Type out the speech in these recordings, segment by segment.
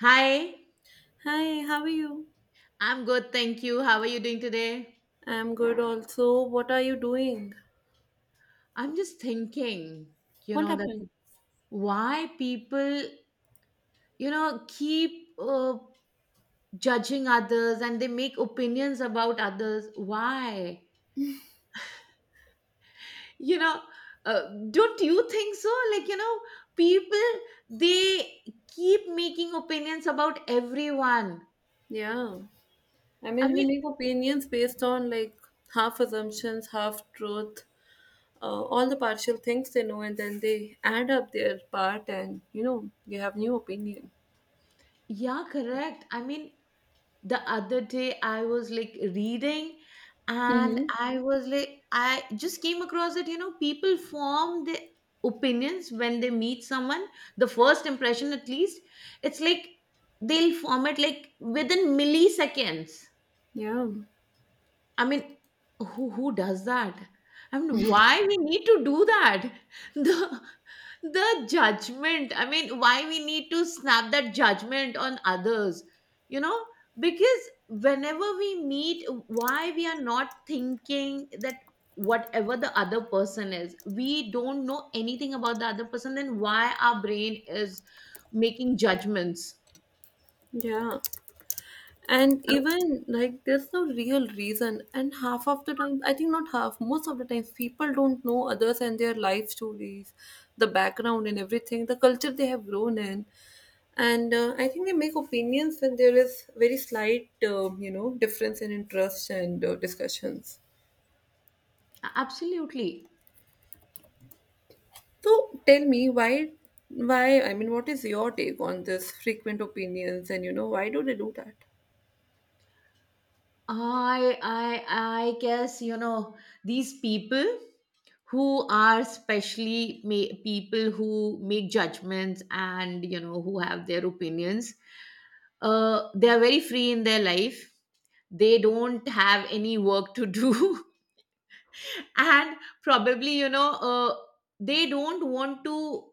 Hi, Hi, how are you? I'm good, thank you. How are you doing today? I'm good also. What are you doing? I'm just thinking, you What know, that happened? why people, you know, keep uh, judging others and they make opinions about others. Why? You know, uh, don't you think so? Like, people, they keep making opinions about everyone. Yeah. I I mean, they mean, make opinions based on like half assumptions, half truth, all the partial things they know, and then they add up their part, and you know, you have new opinion. yeah, correct. I mean, the other day I was like reading and Mm-hmm. I was like I just came across it. You know, people form their opinions when they meet someone, the first impression at least. It's like they'll form it like within milliseconds. Yeah. I mean, who does that? I mean, why we need to do that? The the judgment. I mean, why we need to snap that judgment on others? You know, because whenever we meet, why we are not thinking that whatever the other person is, we don't know anything about the other person. Then why our brain is making judgments? Yeah, and I mean, even like there's no real reason, and half of the time, I think, not half, most of the times people don't know others and their life stories, the background and everything, the culture they have grown in. And I think they make opinions when there is very slight you know difference in interest and discussions. absolutely. So tell me why, I mean, what is your take on this frequent opinions, and you know, why do they do that? I guess, you know, these people who are especially people who make judgments and, you know, who have their opinions. They are very free in their life. They don't have any work to do, and probably, you know, they don't want to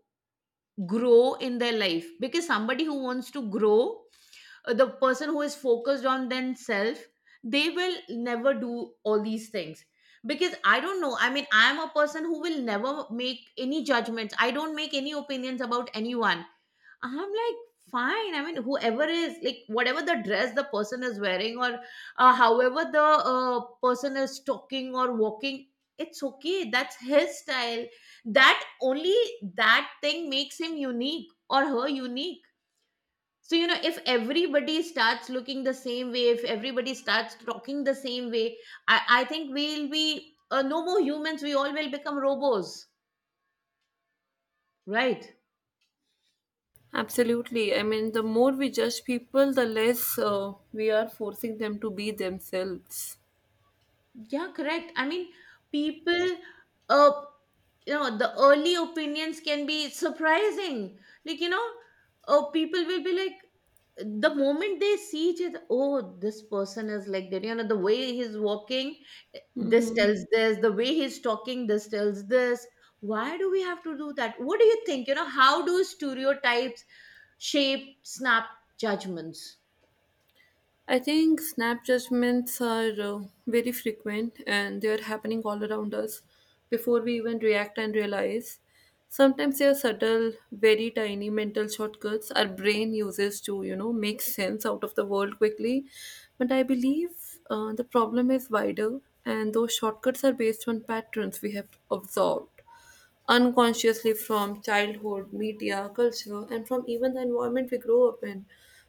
grow in their life, because somebody who wants to grow, the person who is focused on themselves, they will never do all these things. Because I don't know, I mean, I am a person who will never make any judgments. I don't make any opinions about anyone. I'm like, fine, I mean, whoever is like, whatever the dress the person is wearing, or however the person is talking or walking, it's okay, that's his style. that only that thing makes him unique or her unique. So, you know, if everybody starts looking the same way, if everybody starts talking the same way, I think we'll be no more humans. We all will become robots, right? Absolutely. I mean, the more we judge people, the less we are forcing them to be themselves. Yeah, correct. I mean, people, uh, you know, the early opinions can be surprising. Like, you know, people will be like, the moment they see each other, oh, this person is like that. You know, the way he's walking, this Hmm. tells this. The way he's talking, this tells this. Why do we have to do that? What do you think? You know, how do stereotypes shape snap judgments? I think snap judgments are very frequent, and they are happening all around us before we even react and realize. Sometimes they are subtle, very tiny mental shortcuts our brain uses to, you know, make sense out of the world quickly. But I believe the problem is wider, and those shortcuts are based on patterns we have absorbed unconsciously from childhood, media, culture, and from even the environment we grow up in.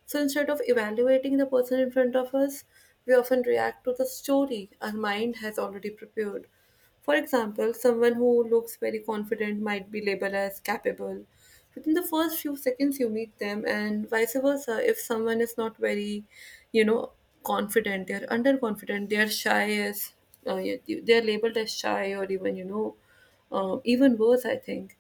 So instead of evaluating the person in front of us, we often react to the story our mind has already prepared. For example, someone who looks very confident might be labeled as capable within the first few seconds you meet them, and vice versa. If someone is not very, you know, confident, they're underconfident, they're shy as uh, yeah, they're labeled as shy, or even you know, even worse, I think.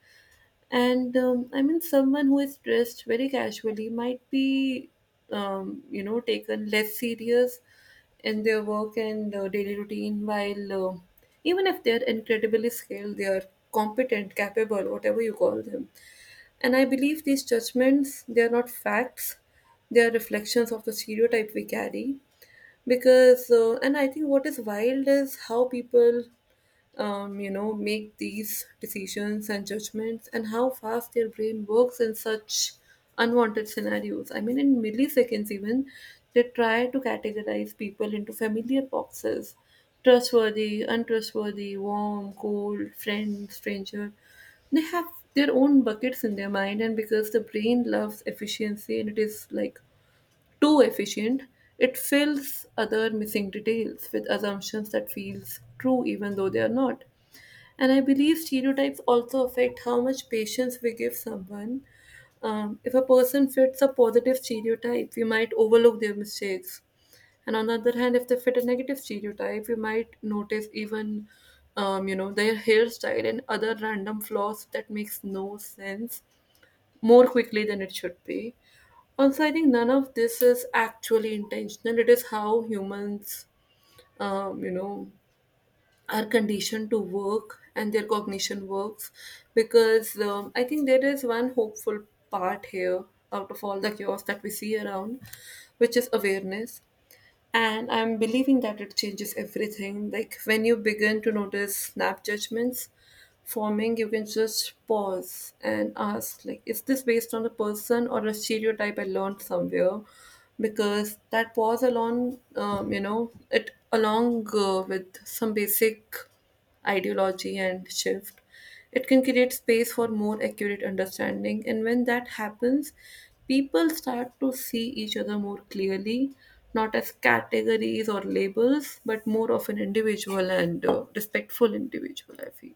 And I mean someone who is dressed very casually might be, you know, taken less serious in their work and daily routine, while even if they're incredibly skilled, they are competent, capable, whatever you call them. And I believe these judgments, they are not facts, they are reflections of the stereotype we carry. Because and I think what is wild is how people, you know, make these decisions and judgments, and how fast their brain works in such unwanted scenarios. I mean, in milliseconds, even they try to categorize people into familiar boxes: trustworthy, untrustworthy, warm, cold, friend, stranger. They have their own buckets in their mind, and because the brain loves efficiency and it is like too efficient, it fills other missing details with assumptions that feels true even though they are not. And I believe stereotypes also affect how much patience we give someone. If a person fits a positive stereotype, we might overlook their mistakes. And on the other hand, if they fit a negative stereotype, we might notice even, you know, their hairstyle and other random flaws that makes no sense more quickly than it should be. Also, I think none of this is actually intentional. It is how humans, you know, are conditioned to work, and their cognition works because I think there is one hopeful part here out of all the chaos that we see around, which is awareness. And I'm believing that it changes everything. Like when you begin to notice snap judgments forming, you can just pause and ask, like, is this based on a person or a stereotype I learned somewhere? Because that pause along, you know, it along with some basic ideology and shift, it can create space for more accurate understanding. And when that happens, people start to see each other more clearly, not as categories or labels, but more of an individual, and respectful individual, I feel.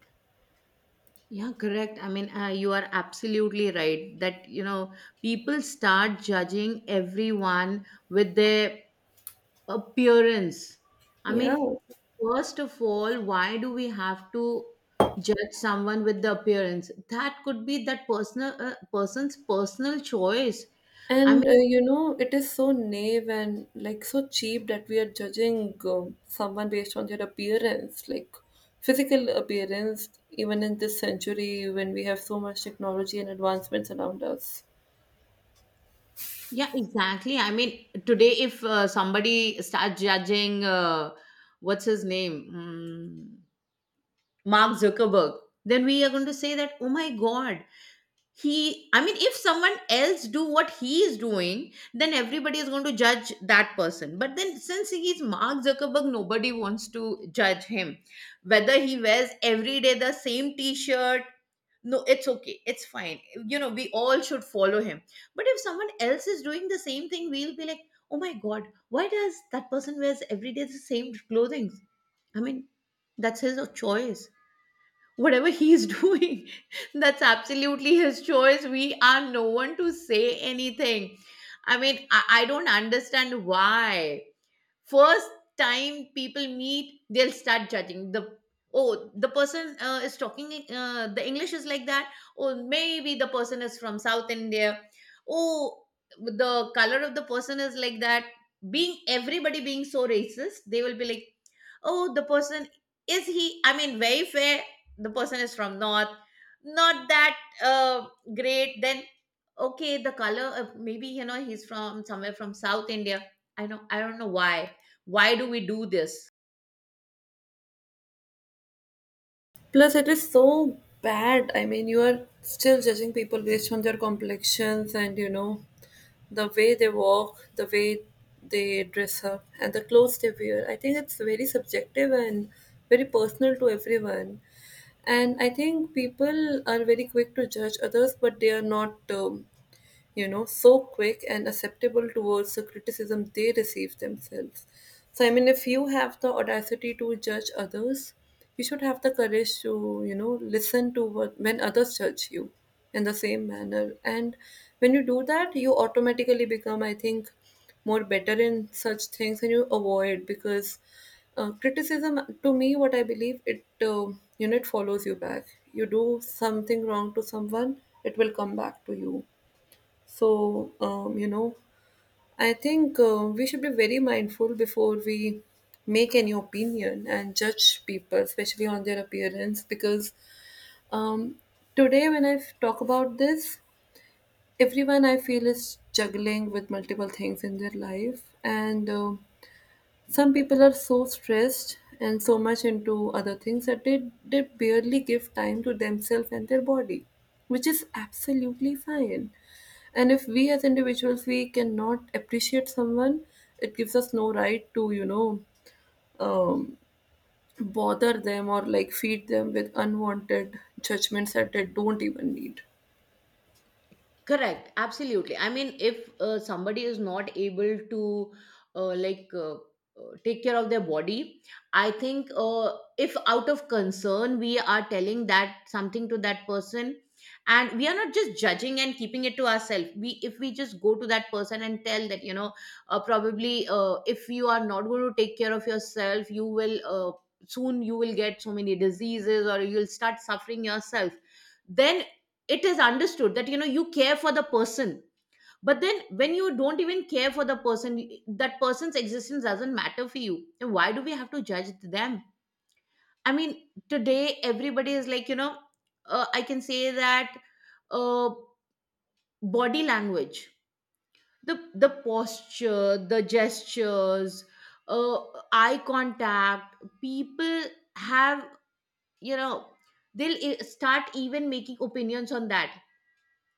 Yeah, correct. I mean, you are absolutely right that, you know, people start judging everyone with their appearance. I Yeah. mean, first of all, why do we have to judge someone with the appearance? That could be that personal person's personal choice. I And mean, you know, it is so naive and like so cheap that we are judging someone based on their appearance, like physical appearance, even in this century when we have so much technology and advancements around us. yeah, exactly. I mean, today if somebody starts judging, what's his name? Hmm. Mark Zuckerberg, then we are going to say that, oh my God, he, I mean, if someone else do what he is doing, then everybody is going to judge that person. But then since he is Mark Zuckerberg, nobody wants to judge him. Whether he wears every day the same t-shirt, no, it's okay. It's fine. You know, we all should follow him. But if someone else is doing the same thing, we'll be like, oh my God, why does that person wears every day the same clothing? I mean, that's his choice, whatever he's doing. That's absolutely his choice, we are no one to say anything. I mean I don't understand why, first time people meet, they'll start judging the, oh, the person is talking, the English is like that, oh, maybe the person is from South India. Oh, the color of the person is like that, being everybody being so racist. They will be like, oh, the person, is he, I mean, very fair, the person is from north, not that uh, great. Then okay, the color, maybe, you know, he's from somewhere from South India. I know, I don't know why. Why do we do this? Plus, it is so bad. I mean, you are still judging people based on their complexions and, you know, the way they walk, the way they dress up, and the clothes they wear. I think it's very subjective and very personal to everyone. And I think people are very quick to judge others, but they are not, you know, so quick and acceptable towards the criticism they receive themselves. So, I mean, if you have the audacity to judge others, you should have the courage to, you know, listen to what when others judge you in the same manner. And when you do that, you automatically become, I think, more better in such things, and you avoid, because criticism to me, what I believe, it you know, it follows you back. You do something wrong to someone, it will come back to you. So, you know, I think we should be very mindful before we make any opinion and judge people, especially on their appearance. Because um, today when I talk about this, everyone, I feel, is juggling with multiple things in their life, and um, some people are so stressed and so much into other things that they barely give time to themselves and their body, which is absolutely fine. And if we, as individuals, we cannot appreciate someone, it gives us no right to, you know, um, bother them or like feed them with unwanted judgments that they don't even need. Correct, absolutely. I mean, if somebody is not able to take care of their body, I think, if out of concern we are telling that something to that person, and we are not just judging and keeping it to ourselves, we, if we just go to that person and tell that, you know, probably, if you are not going to take care of yourself, you will, soon you will get so many diseases, or you'll start suffering yourself, then it is understood that, you know, you care for the person. But then when you don't even care for the person, that person's existence doesn't matter for you, then why do we have to judge them? I mean, today everybody is like, you know, I can say that, uh, body language, the the posture, the gestures, uh, eye contact, people have, you know, they'll start even making opinions on that.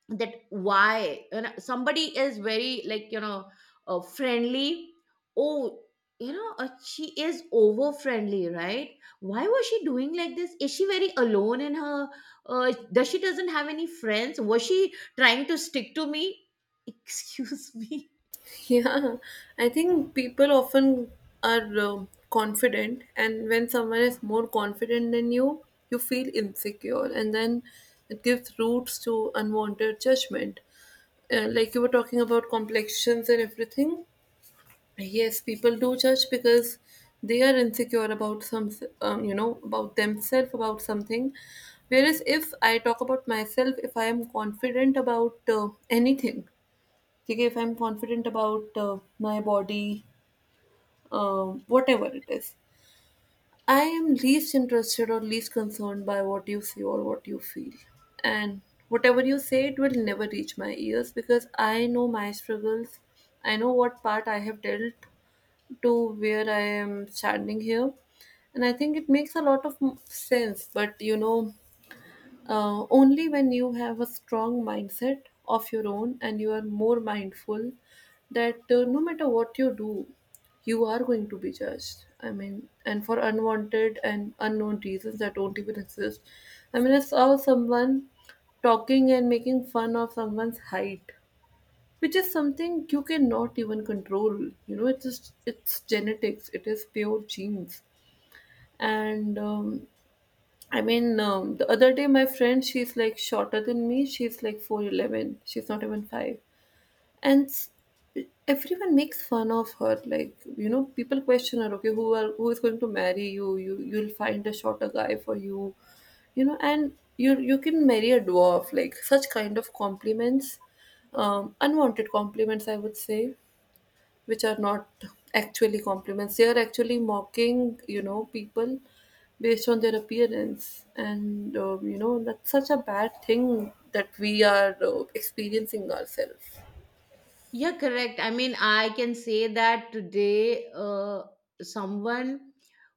That why, you know, somebody is very like, you know, friendly, oh, you know, she is over friendly, right? Why was she doing like this? Is she very alone in her, does she doesn't have any friends? Was she trying to stick to me? Excuse me. Yeah, I think people often are confident, and when someone is more confident than you, you feel insecure, and then it gives roots to unwanted judgment. Like you were talking about complexions and everything. Yes, people do judge because they are insecure about some, you know, about themselves, about something. Whereas if I talk about myself, if I am confident about anything, okay, if I'm confident about my body, uh, whatever it is, I am least interested or least concerned by what you see or what you feel. And whatever you say, it will never reach my ears, because I know my struggles, I know what part I have dealt to where I am standing here. And I think it makes a lot of sense, but you know, only when you have a strong mindset of your own and you are more mindful that no matter what you do, you are going to be judged. I mean, and for unwanted and unknown reasons that don't even exist. I mean, I saw someone talking and making fun of someone's height, which is something you cannot even control. You know, it's just, it's genetics. It is pure genes. And I mean, the other day, my friend, she's like shorter than me. She's like 4'11. She's not even 5. And everyone makes fun of her. Like, you know, people question her, okay, who is going to marry you? You'll find a shorter guy for you. You know, and you can marry a dwarf. Like such kind of compliments. Unwanted compliments, I would say, which are not actually compliments. They are actually mocking, you know, people based on their appearance. And, you know, that's such a bad thing that we are experiencing ourselves. Yeah, correct. I mean, I can say that today, someone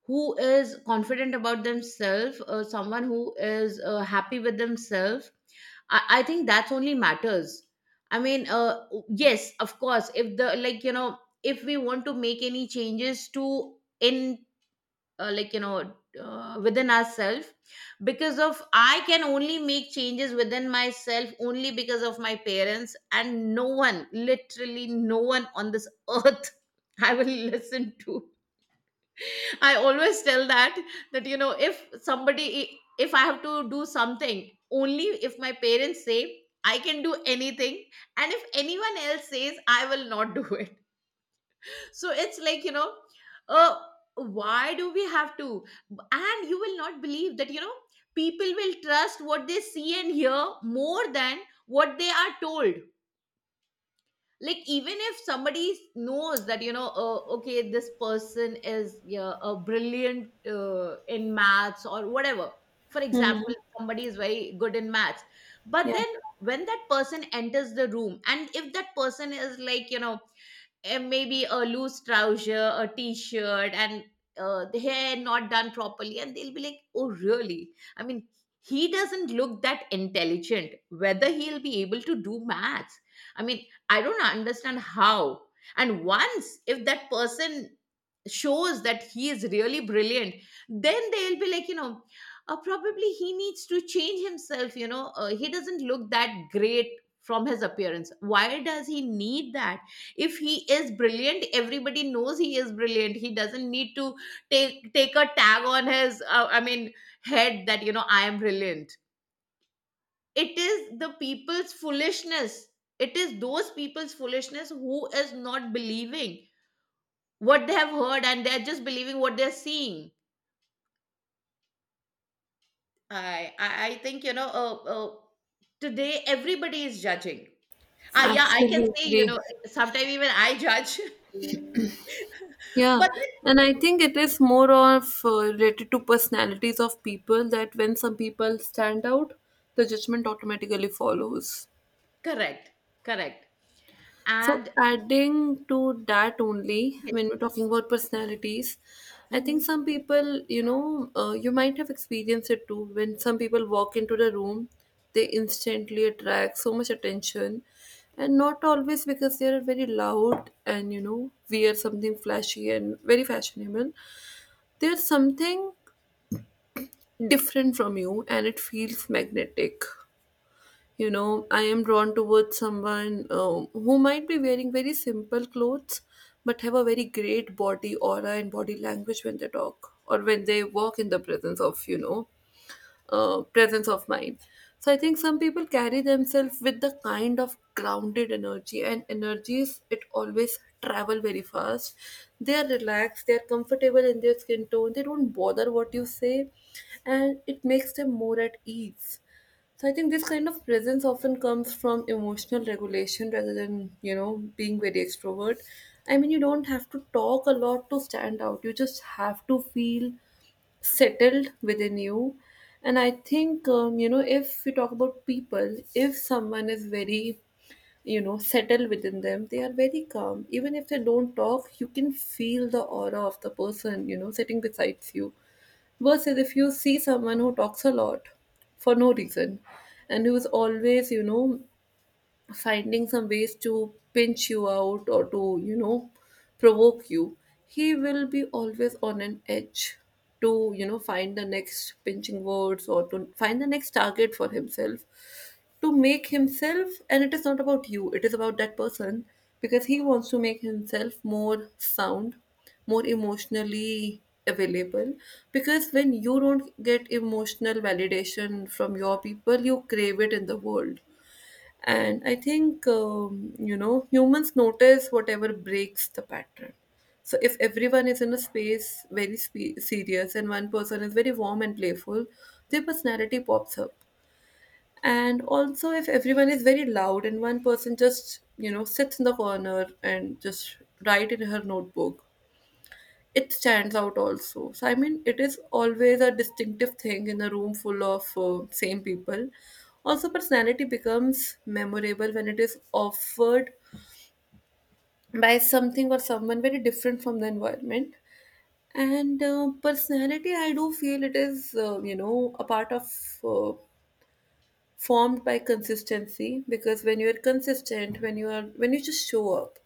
who is confident about themselves, someone who is happy with themselves, I think that's only matters. I mean, yes, of course, if the, like, you know, if we want to make any changes to in, like, you know, within ourselves. Because of, I can only make changes within myself only because of my parents, and no one, literally no one on this earth I will listen to. I always tell that, that, you know, if somebody, if I have to do something, only if my parents say I can do anything, and if anyone else says, I will not do it. So it's like, you know, uh, why do we have to? And you will not believe that, you know, people will trust what they see and hear more than what they are told. Like, even if somebody knows that, you know, okay, this person is, yeah, a brilliant in maths or whatever. For Mm-hmm. example, somebody is very good in maths, but Yeah, then when that person enters the room, and if that person is like, you know, and maybe a loose trouser, a t-shirt, and the hair not done properly, and they'll be like, "Oh, really?" I mean, he doesn't look that intelligent. Whether he'll be able to do maths, I mean, I don't understand how. And once if that person shows that he is really brilliant, then they'll be like, you know. Probably he needs to change himself, you know, he doesn't look that great from his appearance. Why does he need that? If he is brilliant, everybody knows he is brilliant, he doesn't need to take a tag on his, I mean, head, that, you know, I am brilliant. It is the people's foolishness, it is those people's foolishness, who is not believing what they have heard, and they're just believing what they're seeing. I think, you know, today everybody is judging. Ah, yeah, I can say, you absolutely. know, sometimes even I judge Yeah, but and I think it is more of related to personalities of people, that when some people stand out, the judgment automatically follows. correct, correct, So, and adding to that only, yes. when we're talking about personalities, I think Hmm. some people, you know, you might have experienced it too. When some people walk into the room, they instantly attract so much attention, and not always because they are very loud and, you know, wear something flashy and very fashionable. There's something different from you, and it feels magnetic. You know, I am drawn towards someone who might be wearing very simple clothes, but have a very great body aura and body language when they talk or when they walk, in the presence of, you know, presence of mind. So I think some people carry themselves with the kind of grounded energy, and energies, it always travel very fast. They are relaxed, they are comfortable in their skin tone, they don't bother what you say, and it makes them more at ease. So I think this kind of presence often comes from emotional regulation rather than, you know, being very extrovert. I mean, you don't have to talk a lot to stand out. You just have to feel settled within you, and I think you know, if we talk about people, if someone is very, you know, settled within them, they are very calm. Even if they don't talk, you can feel the aura of the person, you know, sitting beside you. Versus if you see someone who talks a lot for no reason and who is always, you know, finding some ways to pinch you out or to, you know, provoke you, he will be always on an edge to, you know, find the next pinching words or to find the next target for himself to make himself, and it is not about you, it is about that person, because he wants to make himself more sound, more emotionally available. Because when you don't get emotional validation from your people, you crave it in the world. And I think, you know, humans notice whatever breaks the pattern. So if everyone is in a space serious and one person is very warm and playful, their personality pops up. And also, if everyone is very loud and one person just, you know, sits in the corner and just write in her notebook, it stands out also. So I mean, it is always a distinctive thing in a room full of same people. Also, personality becomes memorable when it is offered by something or someone very different from the environment. And personality, I do feel it is, a part of uh, formed by consistency, because when you are consistent, when you just show up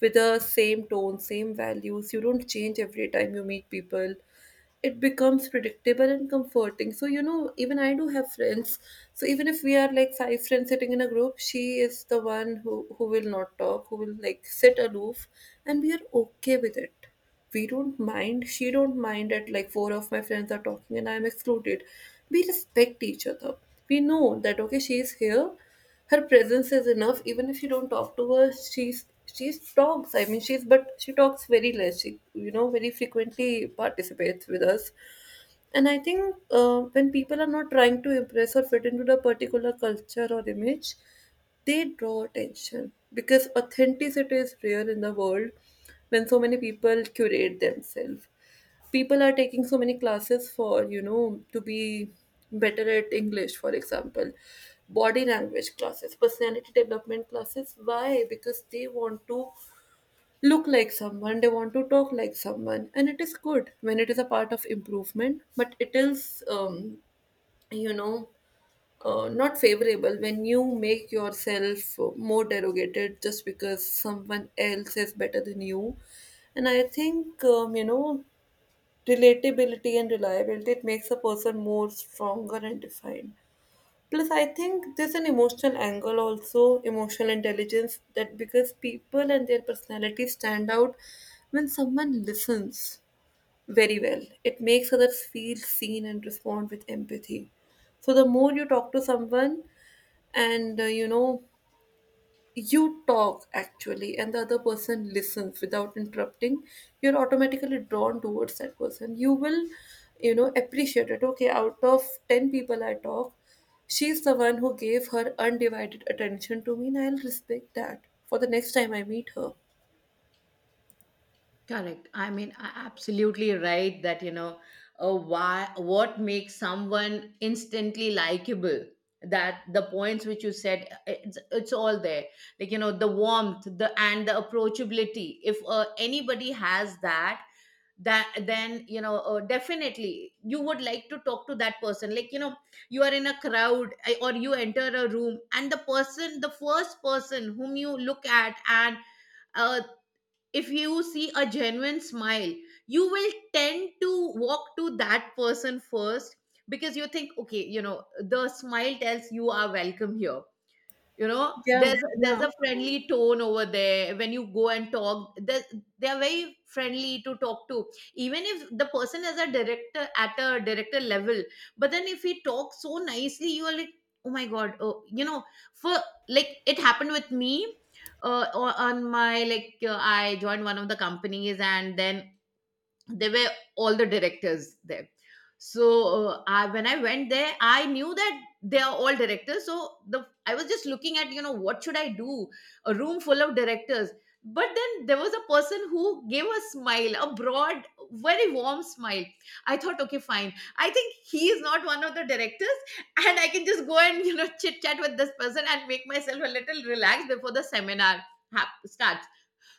with the same tone, same values, you don't change every time you meet people. It becomes predictable and comforting. So, you know, even I do have friends. So even if we are like five friends sitting in a group, she is the one who will not talk, who will like sit aloof, and we are okay with it. We don't mind, she don't mind that like four of my friends are talking and I'm excluded. We respect each other. We know that, okay, she's here, her presence is enough. Even if you don't talk to her, she's, she talks, I mean, she's, but she talks very less. She, you know, very frequently participates with us. And I think when people are not trying to impress or fit into the particular culture or image, they draw attention, because authenticity is rare in the world when so many people curate themselves. People are taking so many classes for, you know, to be better at English, for example, body language classes, personality development classes. Why? Because they want to look like someone, they want to talk like someone, and it is good when it is a part of improvement, but it is, you know, not favorable when you make yourself more derogated just because someone else is better than you. And I think, you know, relatability and reliability, it makes a person more stronger and defined. Plus, I think there's an emotional angle also, emotional intelligence, that because people and their personalities stand out when someone listens very well, it makes others feel seen and respond with empathy. So, the more you talk to someone and you talk actually and the other person listens without interrupting, you're automatically drawn towards that person. You will, you know, appreciate it. Okay, out of 10 people I talk, she's the one who gave her undivided attention to me, and I'll respect that for the next time I meet her. Correct. I mean, absolutely right that, you know, why, what makes someone instantly likable? That the points which you said, it's all there. Like, you know, the warmth, the and the approachability. If anybody has that, then definitely you would like to talk to that person. Like, you are in a crowd, or you enter a room, and the first person whom you look at, and uh, if you see a genuine smile, you will tend to walk to that person first, because you think, okay, the smile tells you are welcome here. Yeah, There's yeah. a friendly tone over there. When you go and talk, they are very friendly to talk to, even if the person is a director, at a director level. But then, if he talks so nicely, you are like, oh my god. Oh, you know for like, it happened with me. O- on my like I joined one of the companies, and then they were all the directors there. So when I went there, I knew that they are all directors, so the I was just looking at, what should I do? A room full of directors. But then there was a person who gave a smile, a broad, very warm smile. I thought, okay, fine, I think he is not one of the directors, and I can just go and, chit chat with this person, and make myself a little relaxed before the seminar start.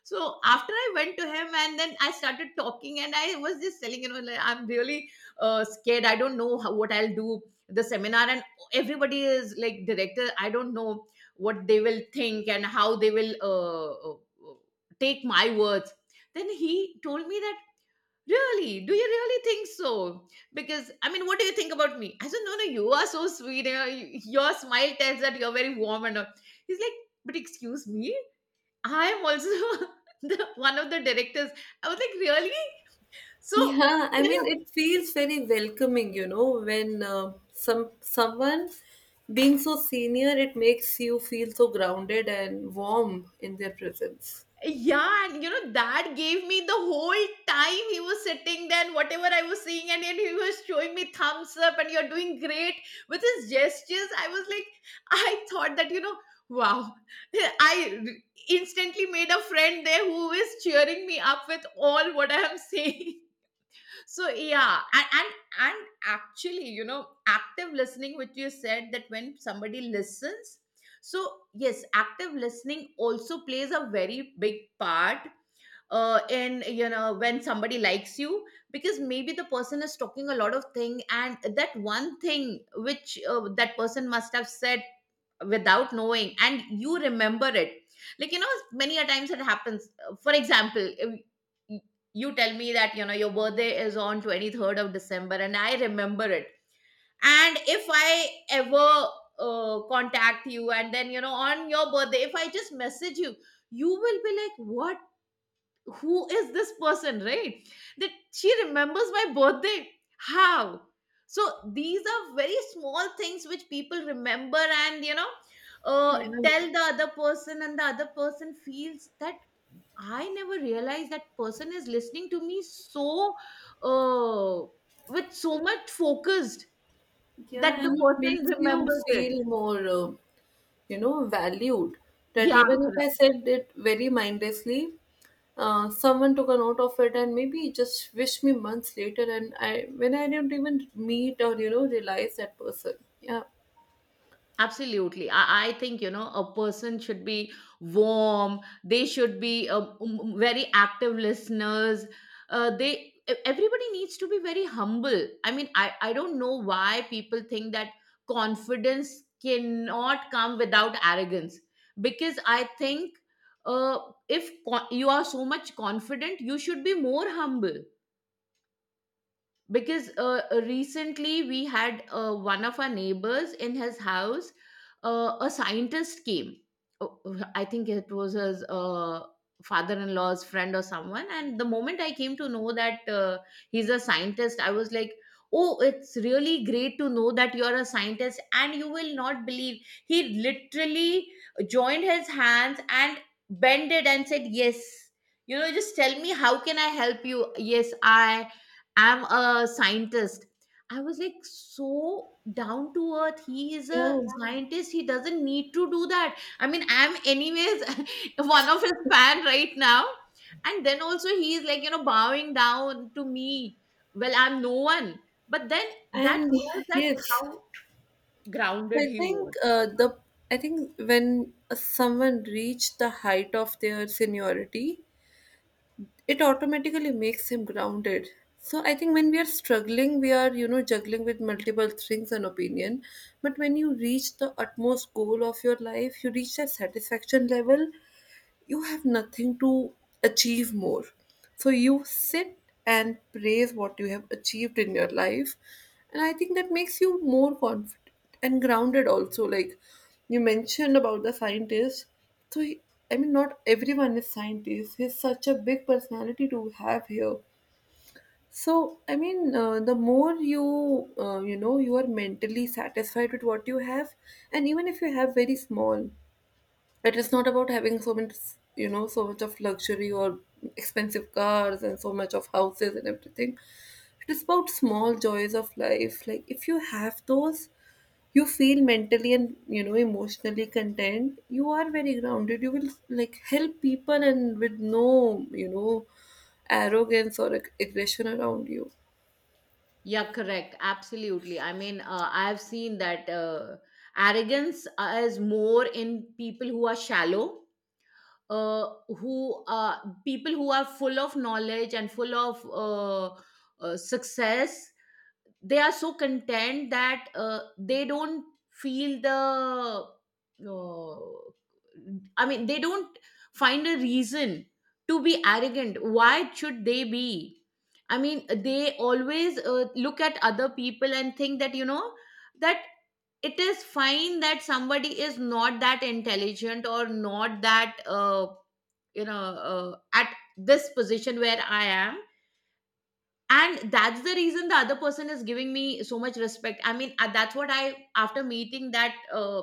So, after I went to him and then I started talking, and I was just telling, you know, like, I'm really scared. I don't know how, what I'll do the seminar, and everybody is like director. I don't know what they will think and how they will take my words. Then he told me that, really, do you really think so? Because, I mean, what do you think about me? I said, no, no, you are so sweet. You know, your smile tells that you're very warm and all. He's like, but excuse me, I am also the one of the directors. I was like, really? So, Yeah, I you mean, know, it feels very welcoming, you know, when someone being so senior, it makes you feel so grounded and warm in their presence. yeah, and, that gave me the whole time. He was sitting there and whatever I was seeing, and then he was showing me thumbs up, and you're doing great with his gestures. I was like, I thought that, you know, wow. I r- instantly made a friend there who is cheering me up with all what I am saying. So, yeah. And actually, you know, active listening which you said, that when somebody listens, so yes, active listening also plays a very big part, in, you know, when somebody likes you. Because maybe the person is talking a lot of thing, and that one thing which that person must have said without knowing, and you remember it. Like, you know, many a times it happens. For example, if y- you tell me that, you know, your birthday is on 23rd of December and I remember it, and if I ever contact you, and then, you know, on your birthday, if I just message you, you will be like, what, who is this person, right? That she remembers my birthday? How? So these are very small things which people remember. And, you know, uh, Yeah, tell the other person, and the other person feels that, I never realized that person is listening to me, so uh, with so much focused yeah, that the and it person makes you remembers it. feel more, you know, valued. That Yeah, even if correct. I said it very mindlessly, someone took a note of it and maybe just wished me months later, and I, when I didn't even meet or you know realize that person. Yeah, Absolutely. I think, you know, a person should be warm. They should be very active listeners. Everybody needs to be very humble. I mean, I don't know why people think that confidence cannot come without arrogance. Because I think, uh, if you are so much confident, you should be more humble. Because recently we had, one of our neighbors in his house, a scientist came. Oh, I think it was his father-in-law's friend or someone. And the moment I came to know that he's a scientist, I was like, oh, it's really great to know that you're a scientist. And you will not believe, he literally joined his hands and bent it and said, yes, you know, just tell me how can I help you, yes, I I'm a scientist. I was like, so down to earth. He is a, yeah, yeah, scientist. He doesn't need to do that. I mean, I'm anyways one of his fan right now. And then also he's like, you know, bowing down to me. Well, I'm no one. But then, that and shows that how yes, grounded I he was. think the I think when someone reached the height of their seniority, it automatically makes him grounded. So I think when we are struggling, we are, you know, juggling with multiple things and opinion, but when you reach the utmost goal of your life, you reach that satisfaction level, you have nothing to achieve more. So you sit and praise what you have achieved in your life. And I think that makes you more confident and grounded also. Like you mentioned about the scientist. So, I mean, not everyone is scientist. He's such a big personality to have here. So, I mean, the more you, you are mentally satisfied with what you have, and even if you have very small, it is not about having so much, you know, so much of luxury or expensive cars and so much of houses and everything. It is about small joys of life. Like if you have those, you feel mentally and, you know, emotionally content. You are very grounded. You will like help people and with no, you know, arrogance or aggression around you. Yeah, correct. Absolutely. I mean, I've seen that arrogance is more in people who are shallow, who are people who are full of knowledge and full of success. They are so content that they don't feel the, uh, I mean, they don't find a reason to be arrogant. Why should they be? I mean, they always look at other people and think that, you know, that, it is fine that somebody is not that intelligent, or not that you know, at this position where I am. And that's the reason the other person is giving me so much respect. I mean, that's what I, after meeting that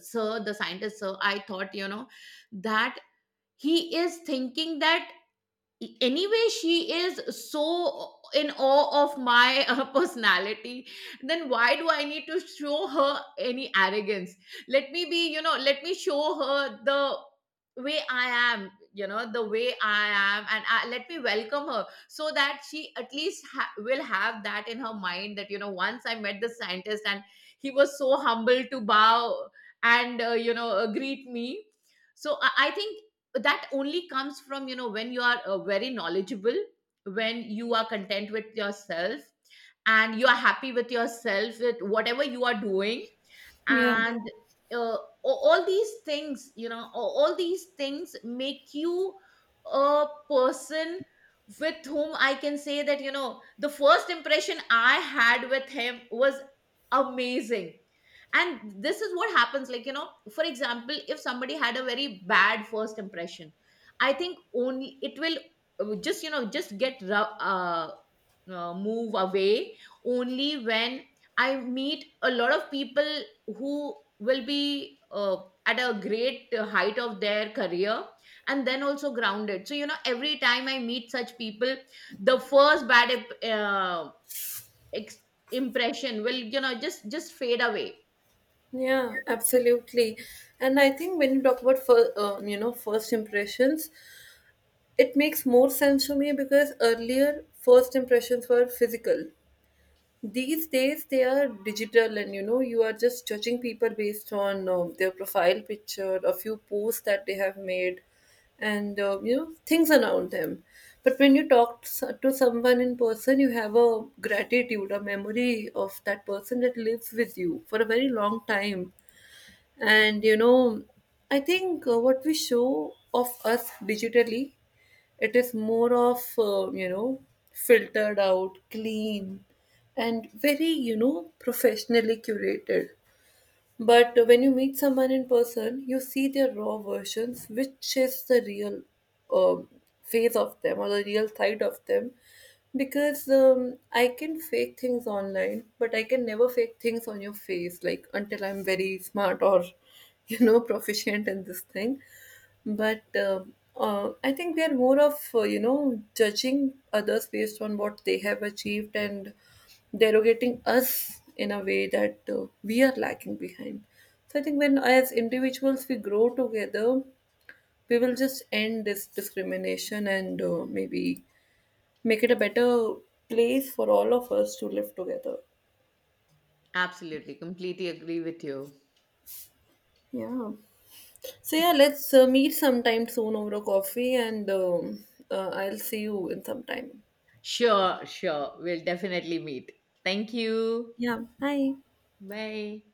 sir, the scientist sir, I thought, you know, that he is thinking that, anyway, she is so in awe of my personality, then why do I need to show her any arrogance. Let me be, you know, let me show her the way I am, you know, the way I am. And, let me welcome her, so that she at least will have that in her mind that, you know, once I met the scientist, and he was so humble to bow and you know, greet me. So, I think that only comes from, you know, when you are very knowledgeable, when you are content with yourself, and you are happy with yourself with whatever you are doing. Yeah. Yeah, And uh, a- all these things, you know, all these things make you a person with whom I can say that, you know, the first impression I had with him was amazing. And this is what happens, like, you know, for example, if somebody had a very bad first impression, I think only it will just, you know, just move away only when I meet a lot of people who will be at a great height of their career, and then also grounded. So you know, every time I meet such people, the first bad ex- impression will, you know, just fade away. yeah, absolutely. And I think when you talk about you know, first impressions, it makes more sense to me because earlier first impressions were physical. These days they are digital, and you know, you are just judging people based on their profile picture, a few posts that they have made, and you know, things around them. But when you talk to someone in person, you have a gratitude, a memory of that person that lives with you for a very long time. And you know, I think what we show of us digitally, it is more of, you know, filtered out, clean, and very, you know, professionally curated. But when you meet someone in person, you see their raw versions, which is the real um, face of them or the real side of them. Because I can fake things online, but I can never fake things on your face, like until I'm very smart or, you know, proficient in this thing. But I think we are more of, you know, judging others based on what they have achieved and derogating us in a way that we are lacking behind. So I think when, as individuals, we grow together, we will just end this discrimination and, maybe make it a better place for all of us to live together. Absolutely. Completely agree with you. Yeah. So yeah, let's meet sometime soon over a coffee, and I'll see you in some time. Sure, sure. We'll definitely meet. Thank you. Yeah, bye. Bye.